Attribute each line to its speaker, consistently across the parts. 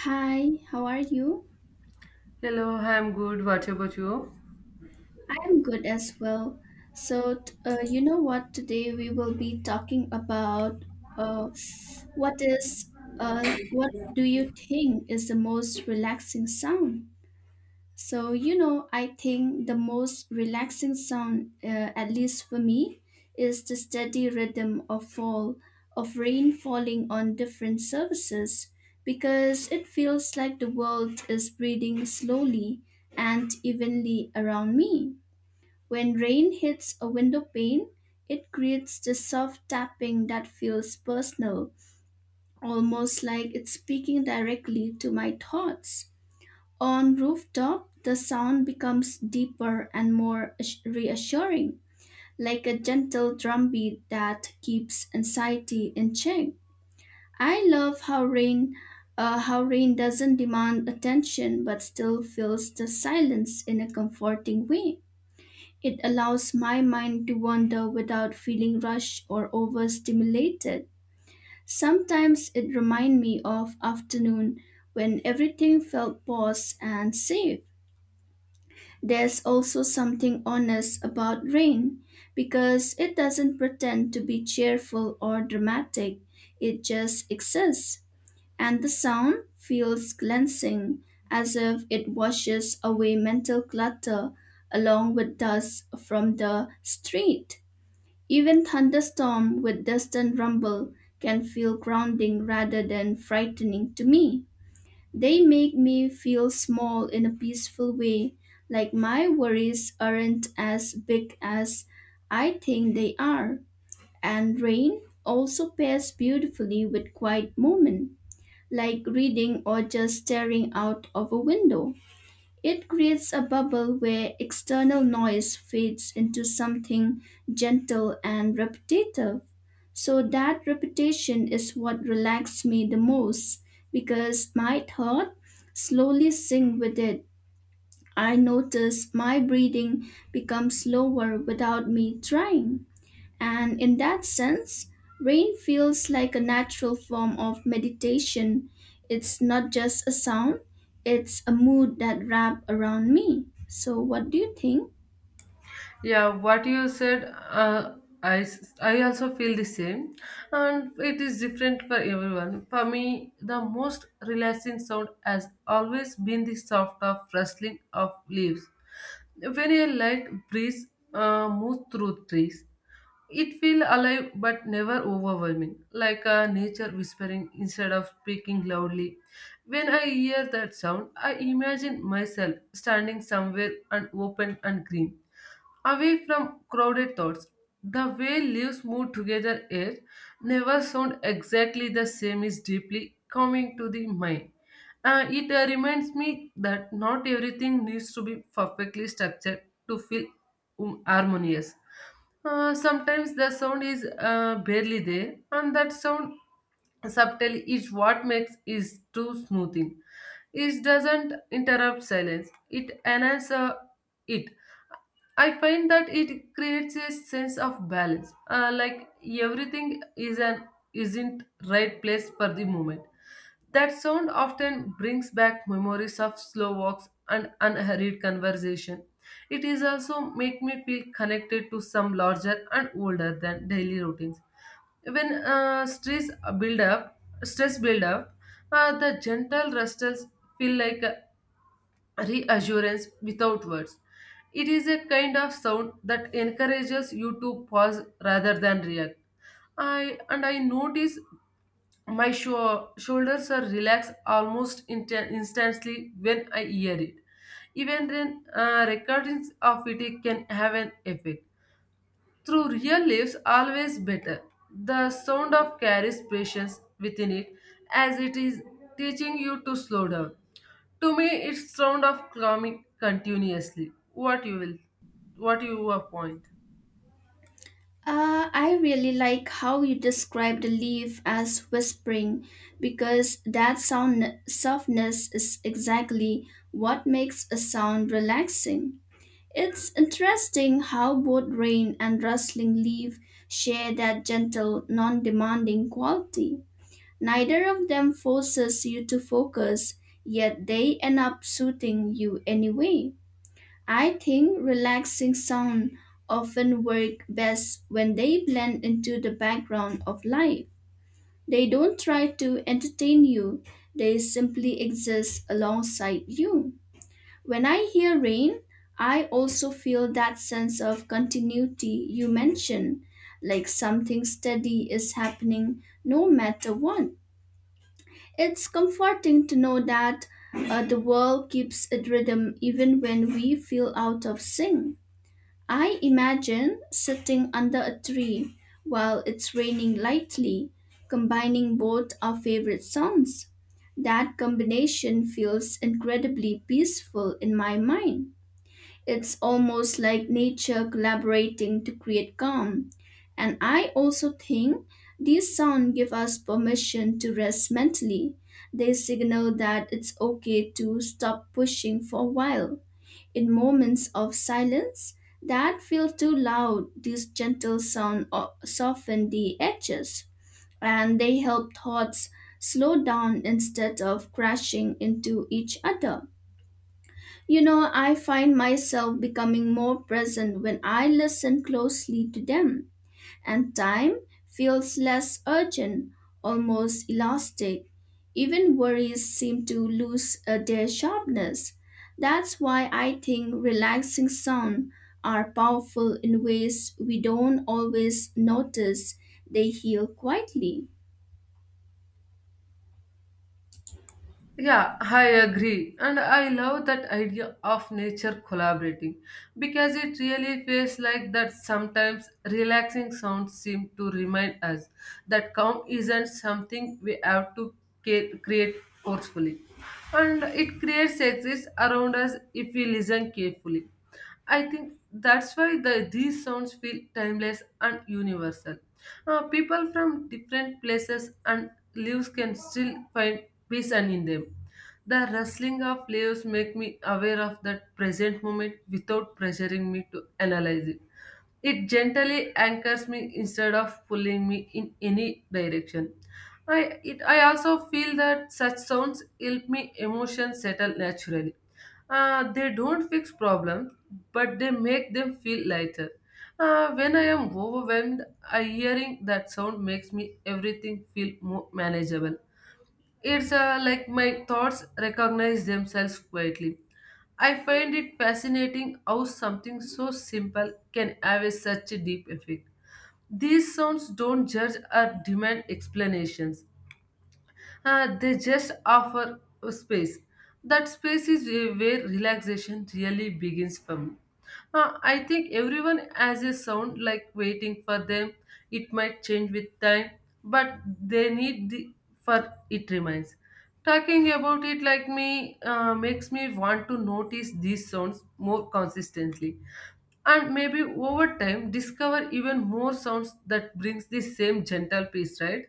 Speaker 1: Hi, how are you?
Speaker 2: Hello, I'm good. What about you?
Speaker 1: I'm good as well. So, t- you know what? Today we will be talking about uh, what is uh, what do you think is the most relaxing sound? So, you know, I think the most relaxing sound, at least for me, is the steady rhythm of fall, of rain falling on different surfaces, because it feels like the world is breathing slowly and evenly around me. When rain hits a window pane, it creates the soft tapping that feels personal, almost like it's speaking directly to my thoughts. On rooftop, the sound becomes deeper and more reassuring, like a gentle drumbeat that keeps anxiety in check. I love how rain doesn't demand attention but still fills the silence in a comforting way. It allows my mind to wander without feeling rushed or overstimulated. Sometimes it reminds me of afternoon when everything felt paused and safe. There's also something honest about rain because it doesn't pretend to be cheerful or dramatic, it just exists. And the sound feels cleansing, as if it washes away mental clutter along with dust from the street. Even thunderstorm with distant rumble can feel grounding rather than frightening to me. They make me feel small in a peaceful way, like my worries aren't as big as I think they are. And rain also pairs beautifully with quiet moment, like reading or just staring out of a window. It creates a bubble where external noise fades into something gentle and repetitive. So that repetition is what relaxed me the most because my thought slowly sink with it. I notice my breathing becomes slower without me trying. And in that sense, rain feels like a natural form of meditation. It's not just a sound, it's a mood that wraps around me. So, what do you think?
Speaker 2: Yeah, what you said, I also feel the same, and it is different for everyone. For me, the most relaxing sound has always been the soft of rustling of leaves. When a light breeze moves through trees, it feels alive but never overwhelming, like a nature whispering instead of speaking loudly. When I hear that sound, I imagine myself standing somewhere and open and green away from crowded thoughts. The way leaves move together air never sound exactly the same is deeply coming to the mind. It reminds me that not everything needs to be perfectly structured to feel harmonious. Sometimes the sound is barely there, and that sound subtly is what makes is too smoothing. It doesn't interrupt silence; it enhances it. I find that it creates a sense of balance. Like everything is an isn't right place for the moment. That sound often brings back memories of slow walks and unhurried conversation. It is also make me feel connected to some larger and older than daily routines. When stress build up, stress build up, the gentle rustles feel like reassurance without words. It is a kind of sound that encourages you to pause rather than react. I notice my shoulders are relaxed almost instantly when I hear it. Even then, recordings of it can have an effect through real leaves, always better. The sound of carries patience within it as it is teaching you to slow down. To me, it's sound of climbing continuously. What you will point?
Speaker 1: I really like how you describe the leaf as whispering because that sound softness is exactly what makes a sound relaxing. It's interesting how both rain and rustling leaf share that gentle, non demanding quality. Neither of them forces you to focus, yet they end up suiting you anyway. I think relaxing sound often work best when they blend into the background of life. They don't try to entertain you, they simply exist alongside you. When I hear rain, I also feel that sense of continuity you mentioned, like something steady is happening no matter what. It's comforting to know that the world keeps its rhythm even when we feel out of sync. I imagine sitting under a tree while it's raining lightly, combining both our favorite sounds. That combination feels incredibly peaceful in my mind. It's almost like nature collaborating to create calm. And I also think these sounds give us permission to rest mentally. They signal that it's okay to stop pushing for a while. In moments of silence that feel too loud, these gentle sounds soften the edges and they help thoughts slow down instead of crashing into each other. You know, I find myself becoming more present when I listen closely to them, and time feels less urgent, almost elastic. Even worries seem to lose their sharpness. That's why I think relaxing sound are powerful in ways we don't always notice. They heal quietly.
Speaker 2: Yeah, I agree. And I love that idea of nature collaborating because it really feels like that sometimes relaxing sounds seem to remind us that calm isn't something we have to create forcefully. And it creates exists around us if we listen carefully. I think that's why these sounds feel timeless and universal. People from different places and lives can still find peace and in them. The rustling of leaves make me aware of that present moment without pressuring me to analyze it. It gently anchors me instead of pulling me in any direction. I also feel that such sounds help me emotions settle naturally. They don't fix problems, but they make them feel lighter. When I am overwhelmed, I hearing that sound makes me everything feel more manageable. It's like my thoughts recognize themselves quietly. I find it fascinating how something so simple can have a such a deep effect. These sounds don't judge or demand explanations. They just offer a space. That space is where relaxation really begins for me. I think everyone has a sound like waiting for them. It might change with time, but they need the for it remains. Talking about it like me makes me want to notice these sounds more consistently and maybe over time discover even more sounds that brings the same gentle peace, right?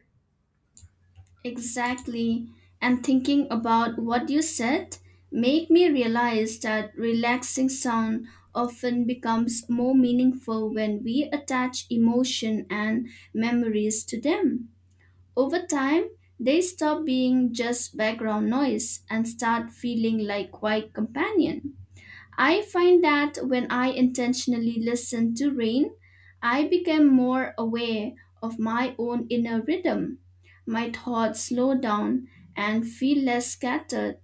Speaker 1: Exactly. And thinking about what you said make me realize that relaxing sound often becomes more meaningful when we attach emotion and memories to them. Over time, they stop being just background noise and start feeling like quiet companion. I find that when I intentionally listen to rain, I become more aware of my own inner rhythm. My thoughts slow down and feel less scattered,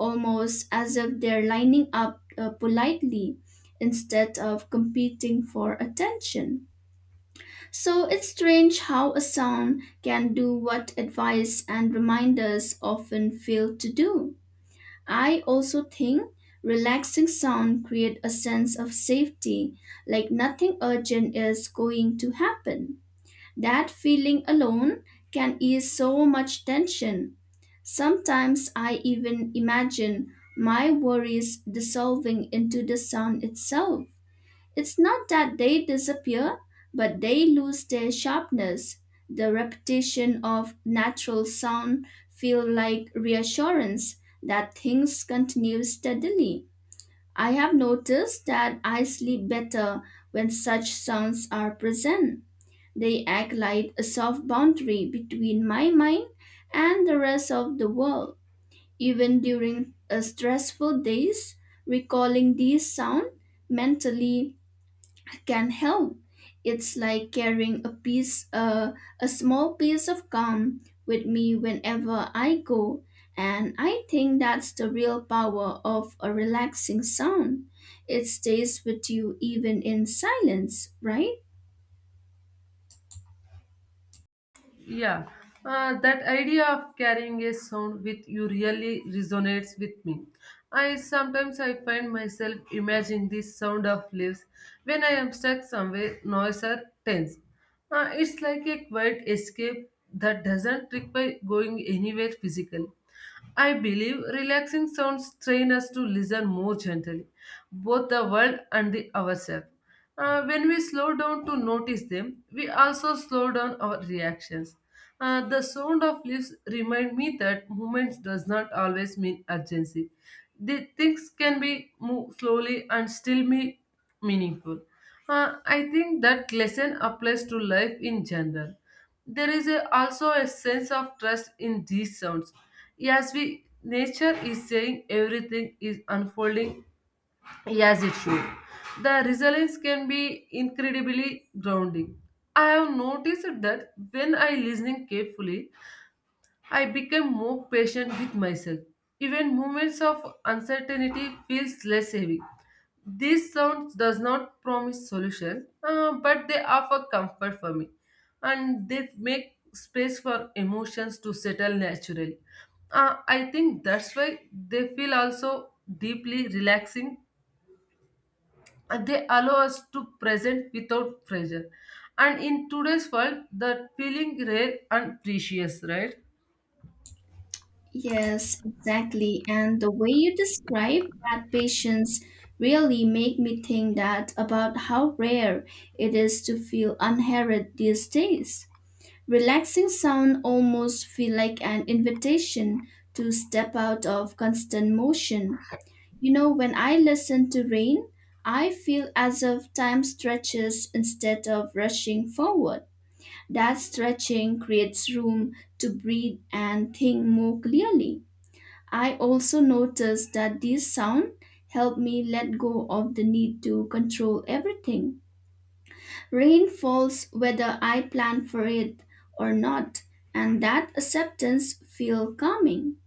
Speaker 1: almost as if they're lining up politely instead of competing for attention. So it's strange how a sound can do what advice and reminders often fail to do. I also think relaxing sound create a sense of safety, like nothing urgent is going to happen. That feeling alone can ease so much tension. Sometimes I even imagine my worries dissolving into the sound itself. It's not that they disappear, but they lose their sharpness. The repetition of natural sound feel like reassurance that things continue steadily. I have noticed that I sleep better when such sounds are present. They act like a soft boundary between my mind and the rest of the world. Even during a stressful days, recalling these sounds mentally can help. It's like carrying a a small piece of calm with me whenever I go. And I think that's the real power of a relaxing sound. It stays with you even in silence, right?
Speaker 2: Yeah, that idea of carrying a sound with you really resonates with me. I sometimes I find myself imagining the sound of leaves when I am stuck somewhere noise or tense. It's like a quiet escape that doesn't require going anywhere physical. I believe relaxing sounds train us to listen more gently, both the world and the ourselves. When we slow down to notice them, we also slow down our reactions. The sound of leaves remind me that movement does not always mean urgency. The things can be moved slowly and still be meaningful. I think that lesson applies to life in general. Also a sense of trust in these sounds. As we nature is saying everything is unfolding as it should. The resilience can be incredibly grounding. I have noticed that when I listening carefully, I become more patient with myself. Even moments of uncertainty feels less heavy. These sounds does not promise solution, but they offer comfort for me, and they make space for emotions to settle naturally. I think that's why they feel also deeply relaxing. And They allow us to present without pressure, and in today's world, that feeling rare and precious, right?
Speaker 1: Yes, exactly. And the way you describe that patience really make me think that about how rare it is to feel unheralded these days. Relaxing sound almost feel like an invitation to step out of constant motion. You know, when I listen to rain, I feel as if time stretches instead of rushing forward. That stretching creates room to breathe and think more clearly. I also notice that these sounds help me let go of the need to control everything. Rain falls whether I plan for it or not, and that acceptance feel calming.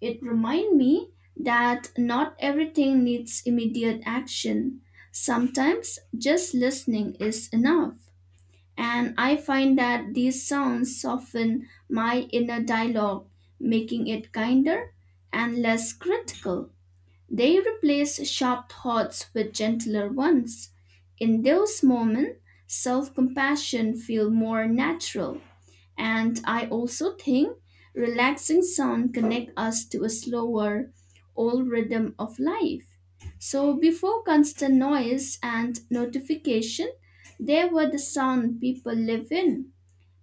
Speaker 1: It reminds me that not everything needs immediate action. Sometimes just listening is enough. And I find that these sounds soften my inner dialogue, making it kinder and less critical. They replace sharp thoughts with gentler ones. In those moments, self compassion feels more natural. And I also think relaxing sound connect us to a slower, old rhythm of life. So before constant noise and notification, they were the sound people live in.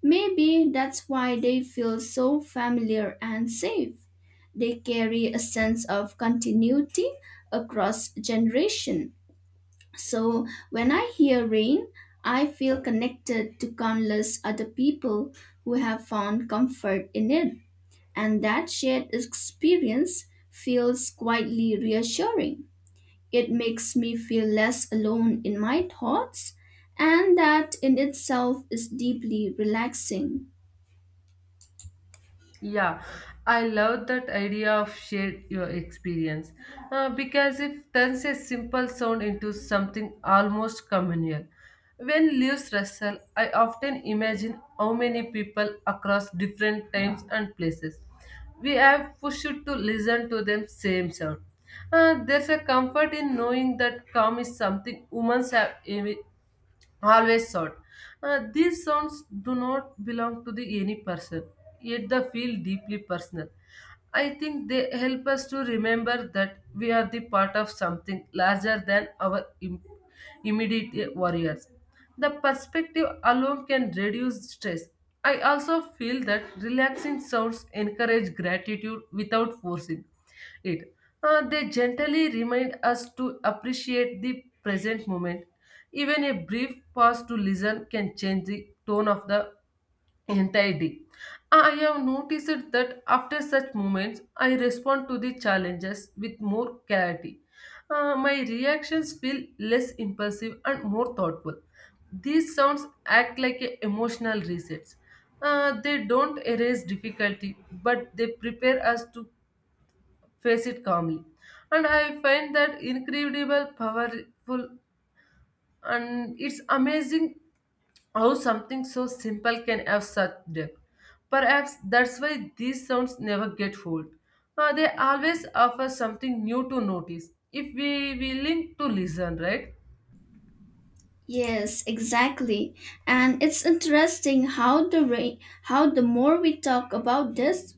Speaker 1: Maybe that's why they feel so familiar and safe. They carry a sense of continuity across generation. So when I hear rain, I feel connected to countless other people who have found comfort in it. And that shared experience feels quietly reassuring. It makes me feel less alone in my thoughts, and that in itself is deeply relaxing.
Speaker 2: Yeah, I love that idea of share your experience because it turns a simple sound into something almost communal. When Lewis wrestle, I often imagine how many people across different times and places we have pushed to listen to them same sound. There's a comfort in knowing that calm is something humans have always thought. Uh, these sounds do not belong to the any person, yet they feel deeply personal. I think they help us to remember that we are the part of something larger than our immediate warriors. The perspective alone can reduce stress. I also feel that relaxing sounds encourage gratitude without forcing it. They gently remind us to appreciate the present moment. Even a brief pause to listen can change the tone of the entire day. I have noticed that after such moments, I respond to the challenges with more clarity. My reactions feel less impulsive and more thoughtful. These sounds act like a emotional resets. They don't erase difficulty, but they prepare us to face it calmly. And I find that incredible, powerful, and it's amazing how something so simple can have such depth. Perhaps that's why these sounds never get old. They always offer something new to notice if we willing to listen, right?
Speaker 1: Yes, exactly. And it's interesting how how the more we talk about this,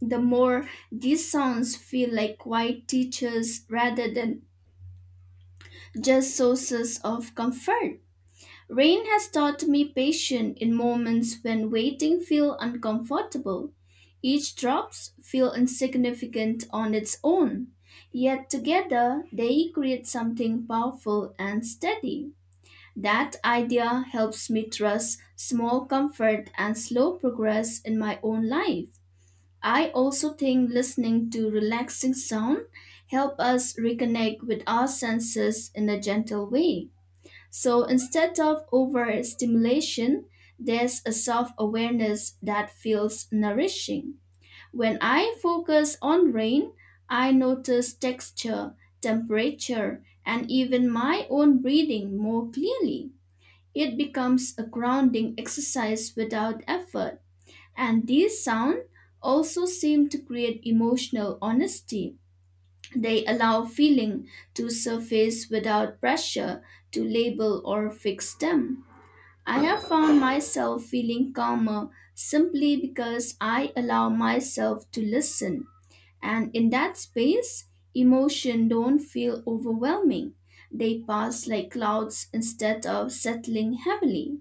Speaker 1: the more these sounds feel like quiet teachers rather than just sources of comfort. Rain has taught me patience in moments when waiting feel uncomfortable. Each drops feel insignificant on its own, yet together they create something powerful and steady. That idea helps me trust small comfort and slow progress in my own life. I also think listening to relaxing sound help us reconnect with our senses in a gentle way. So instead of overstimulation, there's a soft awareness that feels nourishing. When I focus on rain, I notice texture, temperature, and even my own breathing more clearly. It becomes a grounding exercise without effort. And these sounds also seem to create emotional honesty. They allow feeling to surface without pressure to label or fix them. I have found myself feeling calmer simply because I allow myself to listen. And in that space, emotion don't feel overwhelming. They pass like clouds instead of settling heavily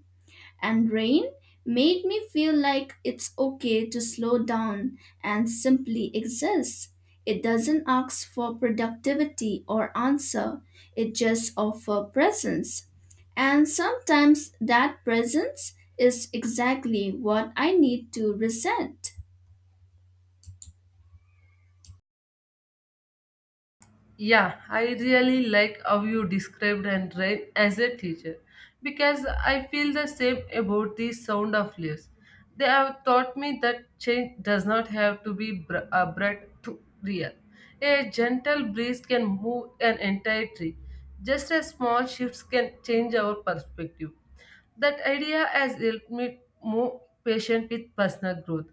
Speaker 1: and rain made me feel like it's okay to slow down and simply exist. It doesn't ask for productivity or answer, it just offers presence. And sometimes that presence is exactly what I need to reset.
Speaker 2: Yeah, I really like how you described Andrein as a teacher because I feel the same about the sound of leaves. They have taught me that change does not have to be abrupt to real. A gentle breeze can move an entire tree. Just a small shifts can change our perspective. That idea has helped me more patient with personal growth.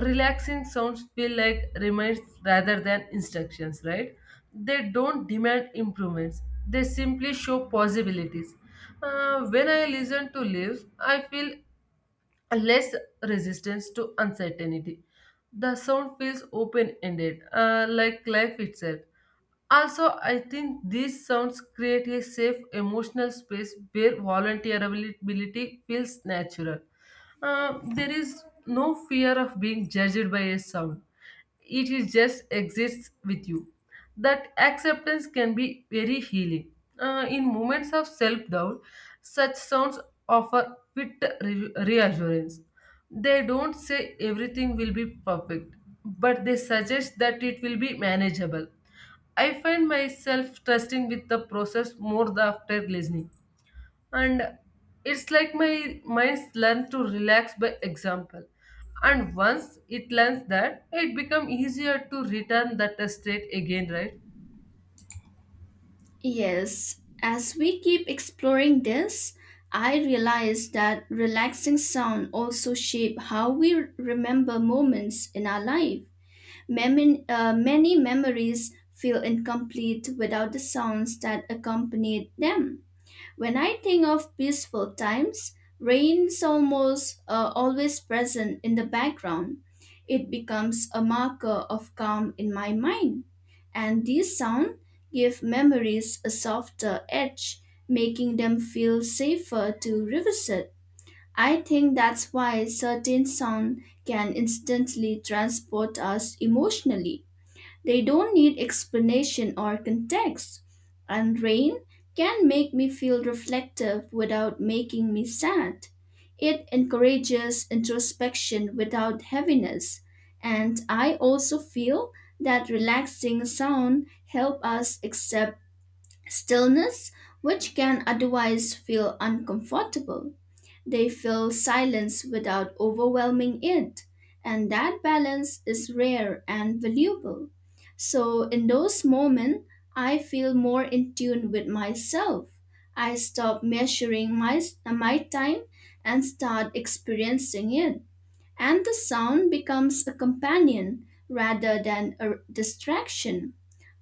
Speaker 2: Relaxing sounds feel like reminds rather than instructions, right? They don't demand improvements, they simply show possibilities. When I listen to live, I feel less resistance to uncertainty. The sound feels open ended, like life itself. Also, I think these sounds create a safe emotional space where volunteerability feels natural. There is no fear of being judged by a sound, it is just exists with you. That acceptance can be very healing. In moments of self doubt, such sounds offer fit reassurance. They don't say everything will be perfect, but they suggest that it will be manageable. I find myself trusting with the process more the after listening. And it's like my mind's learn to relax by example. And once it learns that, it becomes easier to return that state again, right?
Speaker 1: Yes, as we keep exploring this, I realize that relaxing sound also shape how we remember moments in our life. Many memories feel incomplete without the sounds that accompanied them. When I think of peaceful times, rain is almost always present in the background. It becomes a marker of calm in my mind. And these sounds give memories a softer edge, making them feel safer to revisit. I think that's why certain sounds can instantly transport us emotionally. They don't need explanation or context. And rain can make me feel reflective without making me sad. It encourages introspection without heaviness. And I also feel that relaxing sound help us accept stillness, which can otherwise feel uncomfortable. They fill silence without overwhelming it, and that balance is rare and valuable. So, in those moments, I feel more in tune with myself. I stop measuring my time and start experiencing it. And the sound becomes a companion rather than a distraction.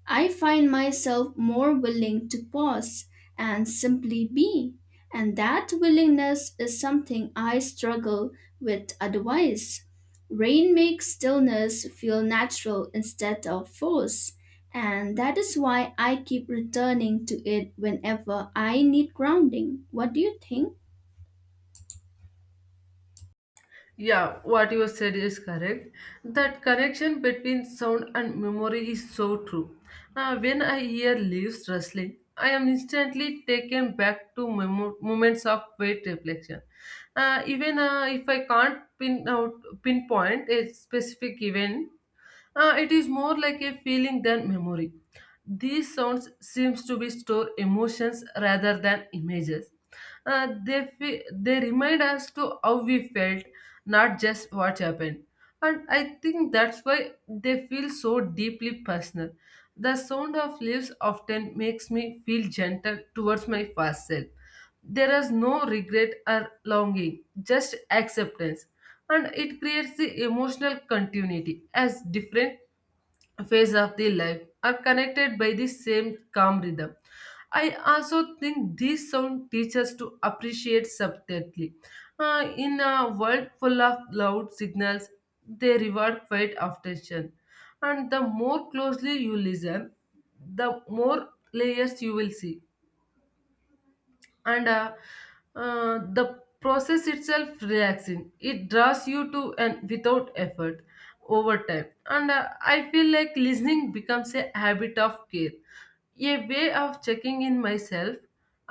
Speaker 1: I find myself more willing to pause and simply be, and that willingness is something I struggle with otherwise. Rain makes stillness feel natural instead of forced, and that is why I keep returning to it whenever I need grounding. What do you think?
Speaker 2: Yeah, what you said is correct. That connection between sound and memory is so true. When I hear leaves rustling, I am instantly taken back to moments of great reflection. Even if I can't pinpoint a specific event, it is more like a feeling than memory. These sounds seems to be store emotions rather than images. They remind us to how we felt, not just what happened. And I think that's why they feel so deeply personal. The sound of leaves often makes me feel gentle towards my past self. There is no regret or longing, just acceptance. And it creates the emotional continuity as different phase of the life are connected by the same calm rhythm. I also think this sound teaches to appreciate subtlety. In a world full of loud signals, they reward quiet attention. And the more closely you listen, the more layers you will see, and the process itself relaxing it draws you to and without effort over time. And I feel like listening becomes a habit of care, a way of checking in myself,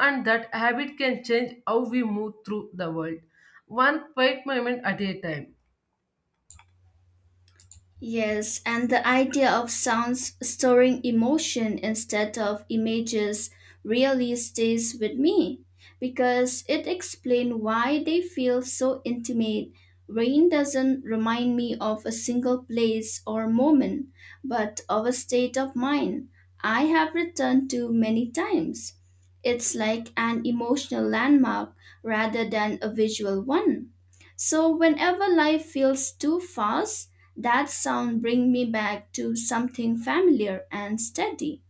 Speaker 2: and that habit can change how we move through the world one quiet moment at a time.
Speaker 1: Yes, and the idea of sounds storing emotion instead of images really stays with me because it explains why they feel so intimate. Rain doesn't remind me of a single place or moment, but of a state of mind I have returned to many times. It's like an emotional landmark rather than a visual one. So, whenever life feels too fast, that sound bring me back to something familiar and steady.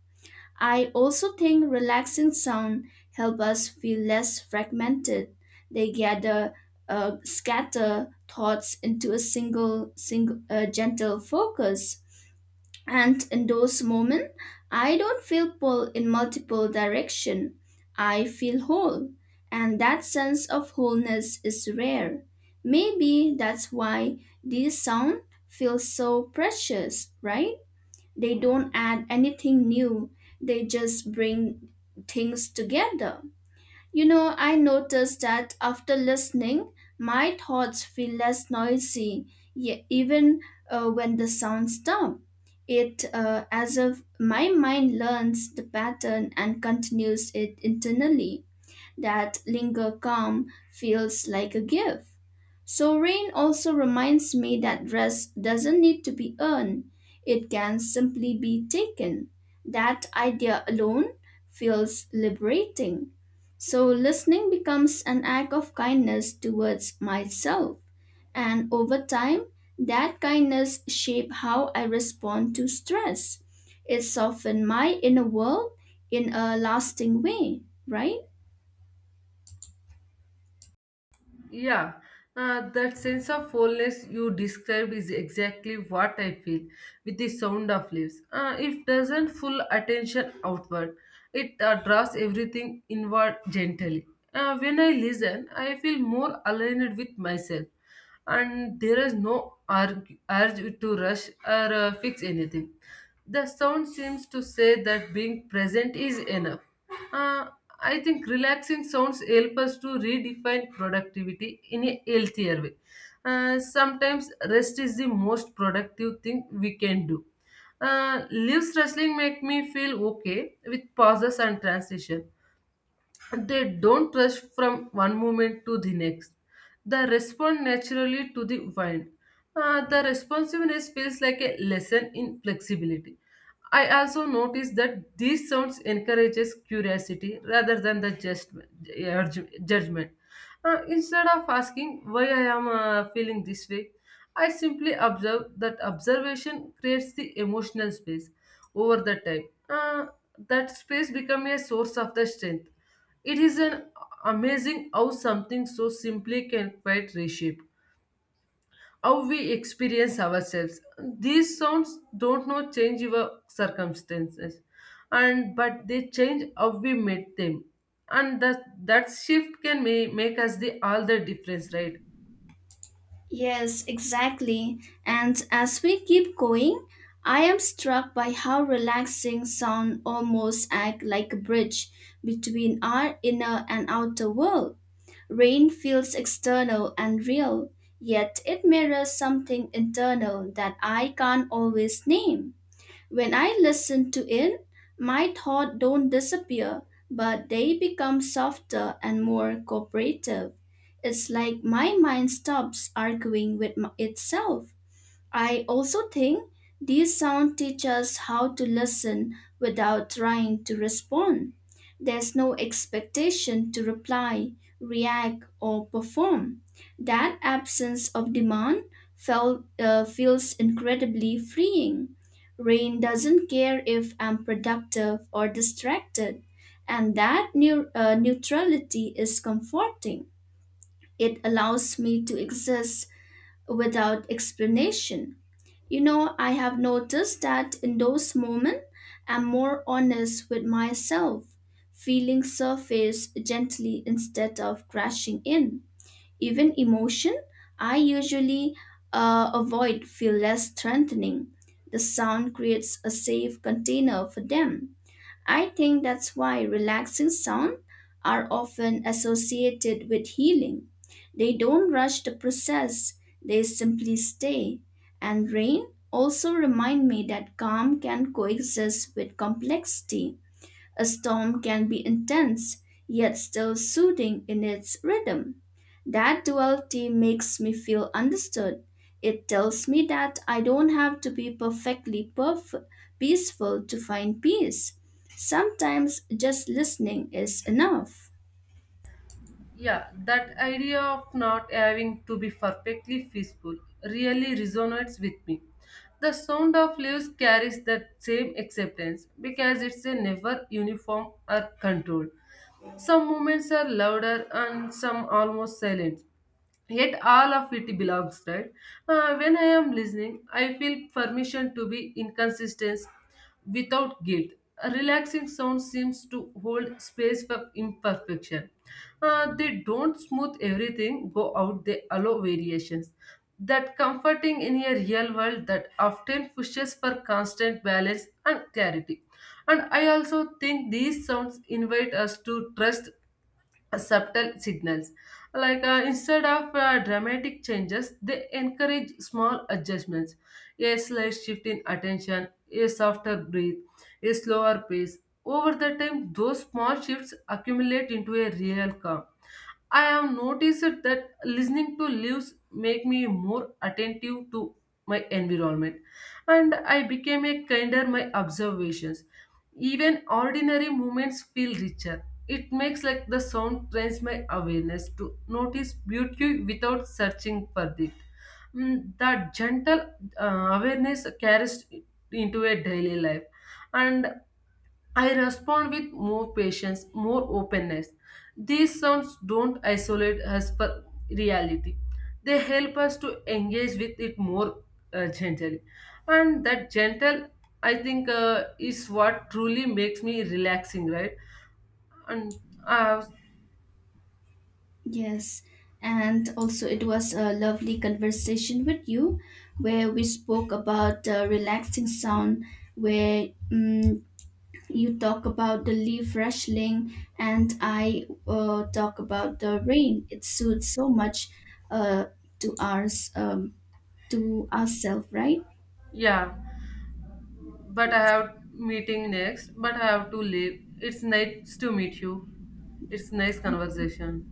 Speaker 1: I also think relaxing sound help us feel less fragmented. They gather, scatter thoughts into a single gentle focus. And in those moments, I don't feel pulled in multiple direction. I feel whole, and that sense of wholeness is rare. Maybe that's why these sound feels so precious, right? They don't add anything new. They just bring things together. You know, I noticed that after listening, my thoughts feel less noisy, even when the sounds stop. It as if my mind learns the pattern and continues it internally that linger calm feels like a gift. So, rain also reminds me that rest doesn't need to be earned, it can simply be taken. That idea alone feels liberating. So, listening becomes an act of kindness towards myself, and over time, that kindness shapes how I respond to stress. It softens my inner world in a lasting way, right?
Speaker 2: Yeah, that sense of wholeness you describe is exactly what I feel with the sound of leaves. It doesn't full attention outward, it draws everything inward gently. When I listen, I feel more aligned with myself, and there is no urge to rush or fix anything. The sound seems to say that being present is enough. Uh, I think relaxing sounds help us to redefine productivity in a healthier way. Sometimes rest is the most productive thing we can do. Leaves rustling make me feel okay with pauses and transition. They don't rush from one moment to the next. They respond naturally to the wind. The responsiveness feels like a lesson in flexibility. I also noticed that these sounds encourages curiosity rather than the just judgment. Instead of asking why I am feeling this way, I simply observe that observation creates the emotional space over the time. That space becomes a source of the strength. It is an amazing how something so simply can quite reshape how we experience ourselves. These sounds don't know change your circumstances, and but they change how we meet them, and that shift can make us the all the difference, right?
Speaker 1: Yes, exactly. And as we keep going, I am struck by how relaxing sound almost act like a bridge between our inner and outer world. Rain feels external and real, yet it mirrors something internal that I can't always name. When I listen to it, my thoughts don't disappear, but they become softer and more cooperative. It's like my mind stops arguing with itself. I also think these sound teach us how to listen without trying to respond. There's no expectation to reply, react, or perform. That absence of demand feels incredibly freeing. Rain doesn't care if I'm productive or distracted, and that neutrality is comforting. It allows me to exist without explanation. You know, I have noticed that in those moments, I'm more honest with myself. Feelings surface gently instead of crashing in. Even emotion, I usually avoid feel less strengthening. The sound creates a safe container for them. I think that's why relaxing sounds are often associated with healing. They don't rush the process, they simply stay. And rain also remind me that calm can coexist with complexity. A storm can be intense, yet still soothing in its rhythm. That duality makes me feel understood. It tells me that I don't have to be peaceful to find peace. Sometimes just listening is enough.
Speaker 2: Yeah, that idea of not having to be perfectly peaceful really resonates with me. The sound of leaves carries that same acceptance because it's a never uniform or controlled. Some moments are louder and some almost silent, yet all of it belongs, right? When I am listening, I feel permission to be inconsistent without guilt. A relaxing sound seems to hold space for imperfection. They don't smooth everything go out, they allow variations that comforting in a real world that often pushes for constant balance and clarity. And I also think these sounds invite us to trust subtle signals. Like instead of dramatic changes, they encourage small adjustments. A slight shift in attention, a softer breath, a slower pace. Over the time, those small shifts accumulate into a real calm. I have noticed that listening to leaves make me more attentive to my environment, and I became a kinder my observations. Even ordinary moments feel richer, it makes like the sound trains my awareness to notice beauty without searching for it. Mm, that gentle awareness carries into a daily life, and I respond with more patience, more openness. These sounds don't isolate us for reality; they help us to engage with it more gently, and that gentle, I think, is what truly makes me relaxing, right? and I have
Speaker 1: Yes, and also it was a lovely conversation with you where we spoke about relaxing sound where you talk about the leaf rustling and I talk about the rain it suits so much uh, to ours to ourselves right
Speaker 2: Yeah,
Speaker 1: yes.
Speaker 2: but I have to leave. It's nice to meet you. It's nice conversation.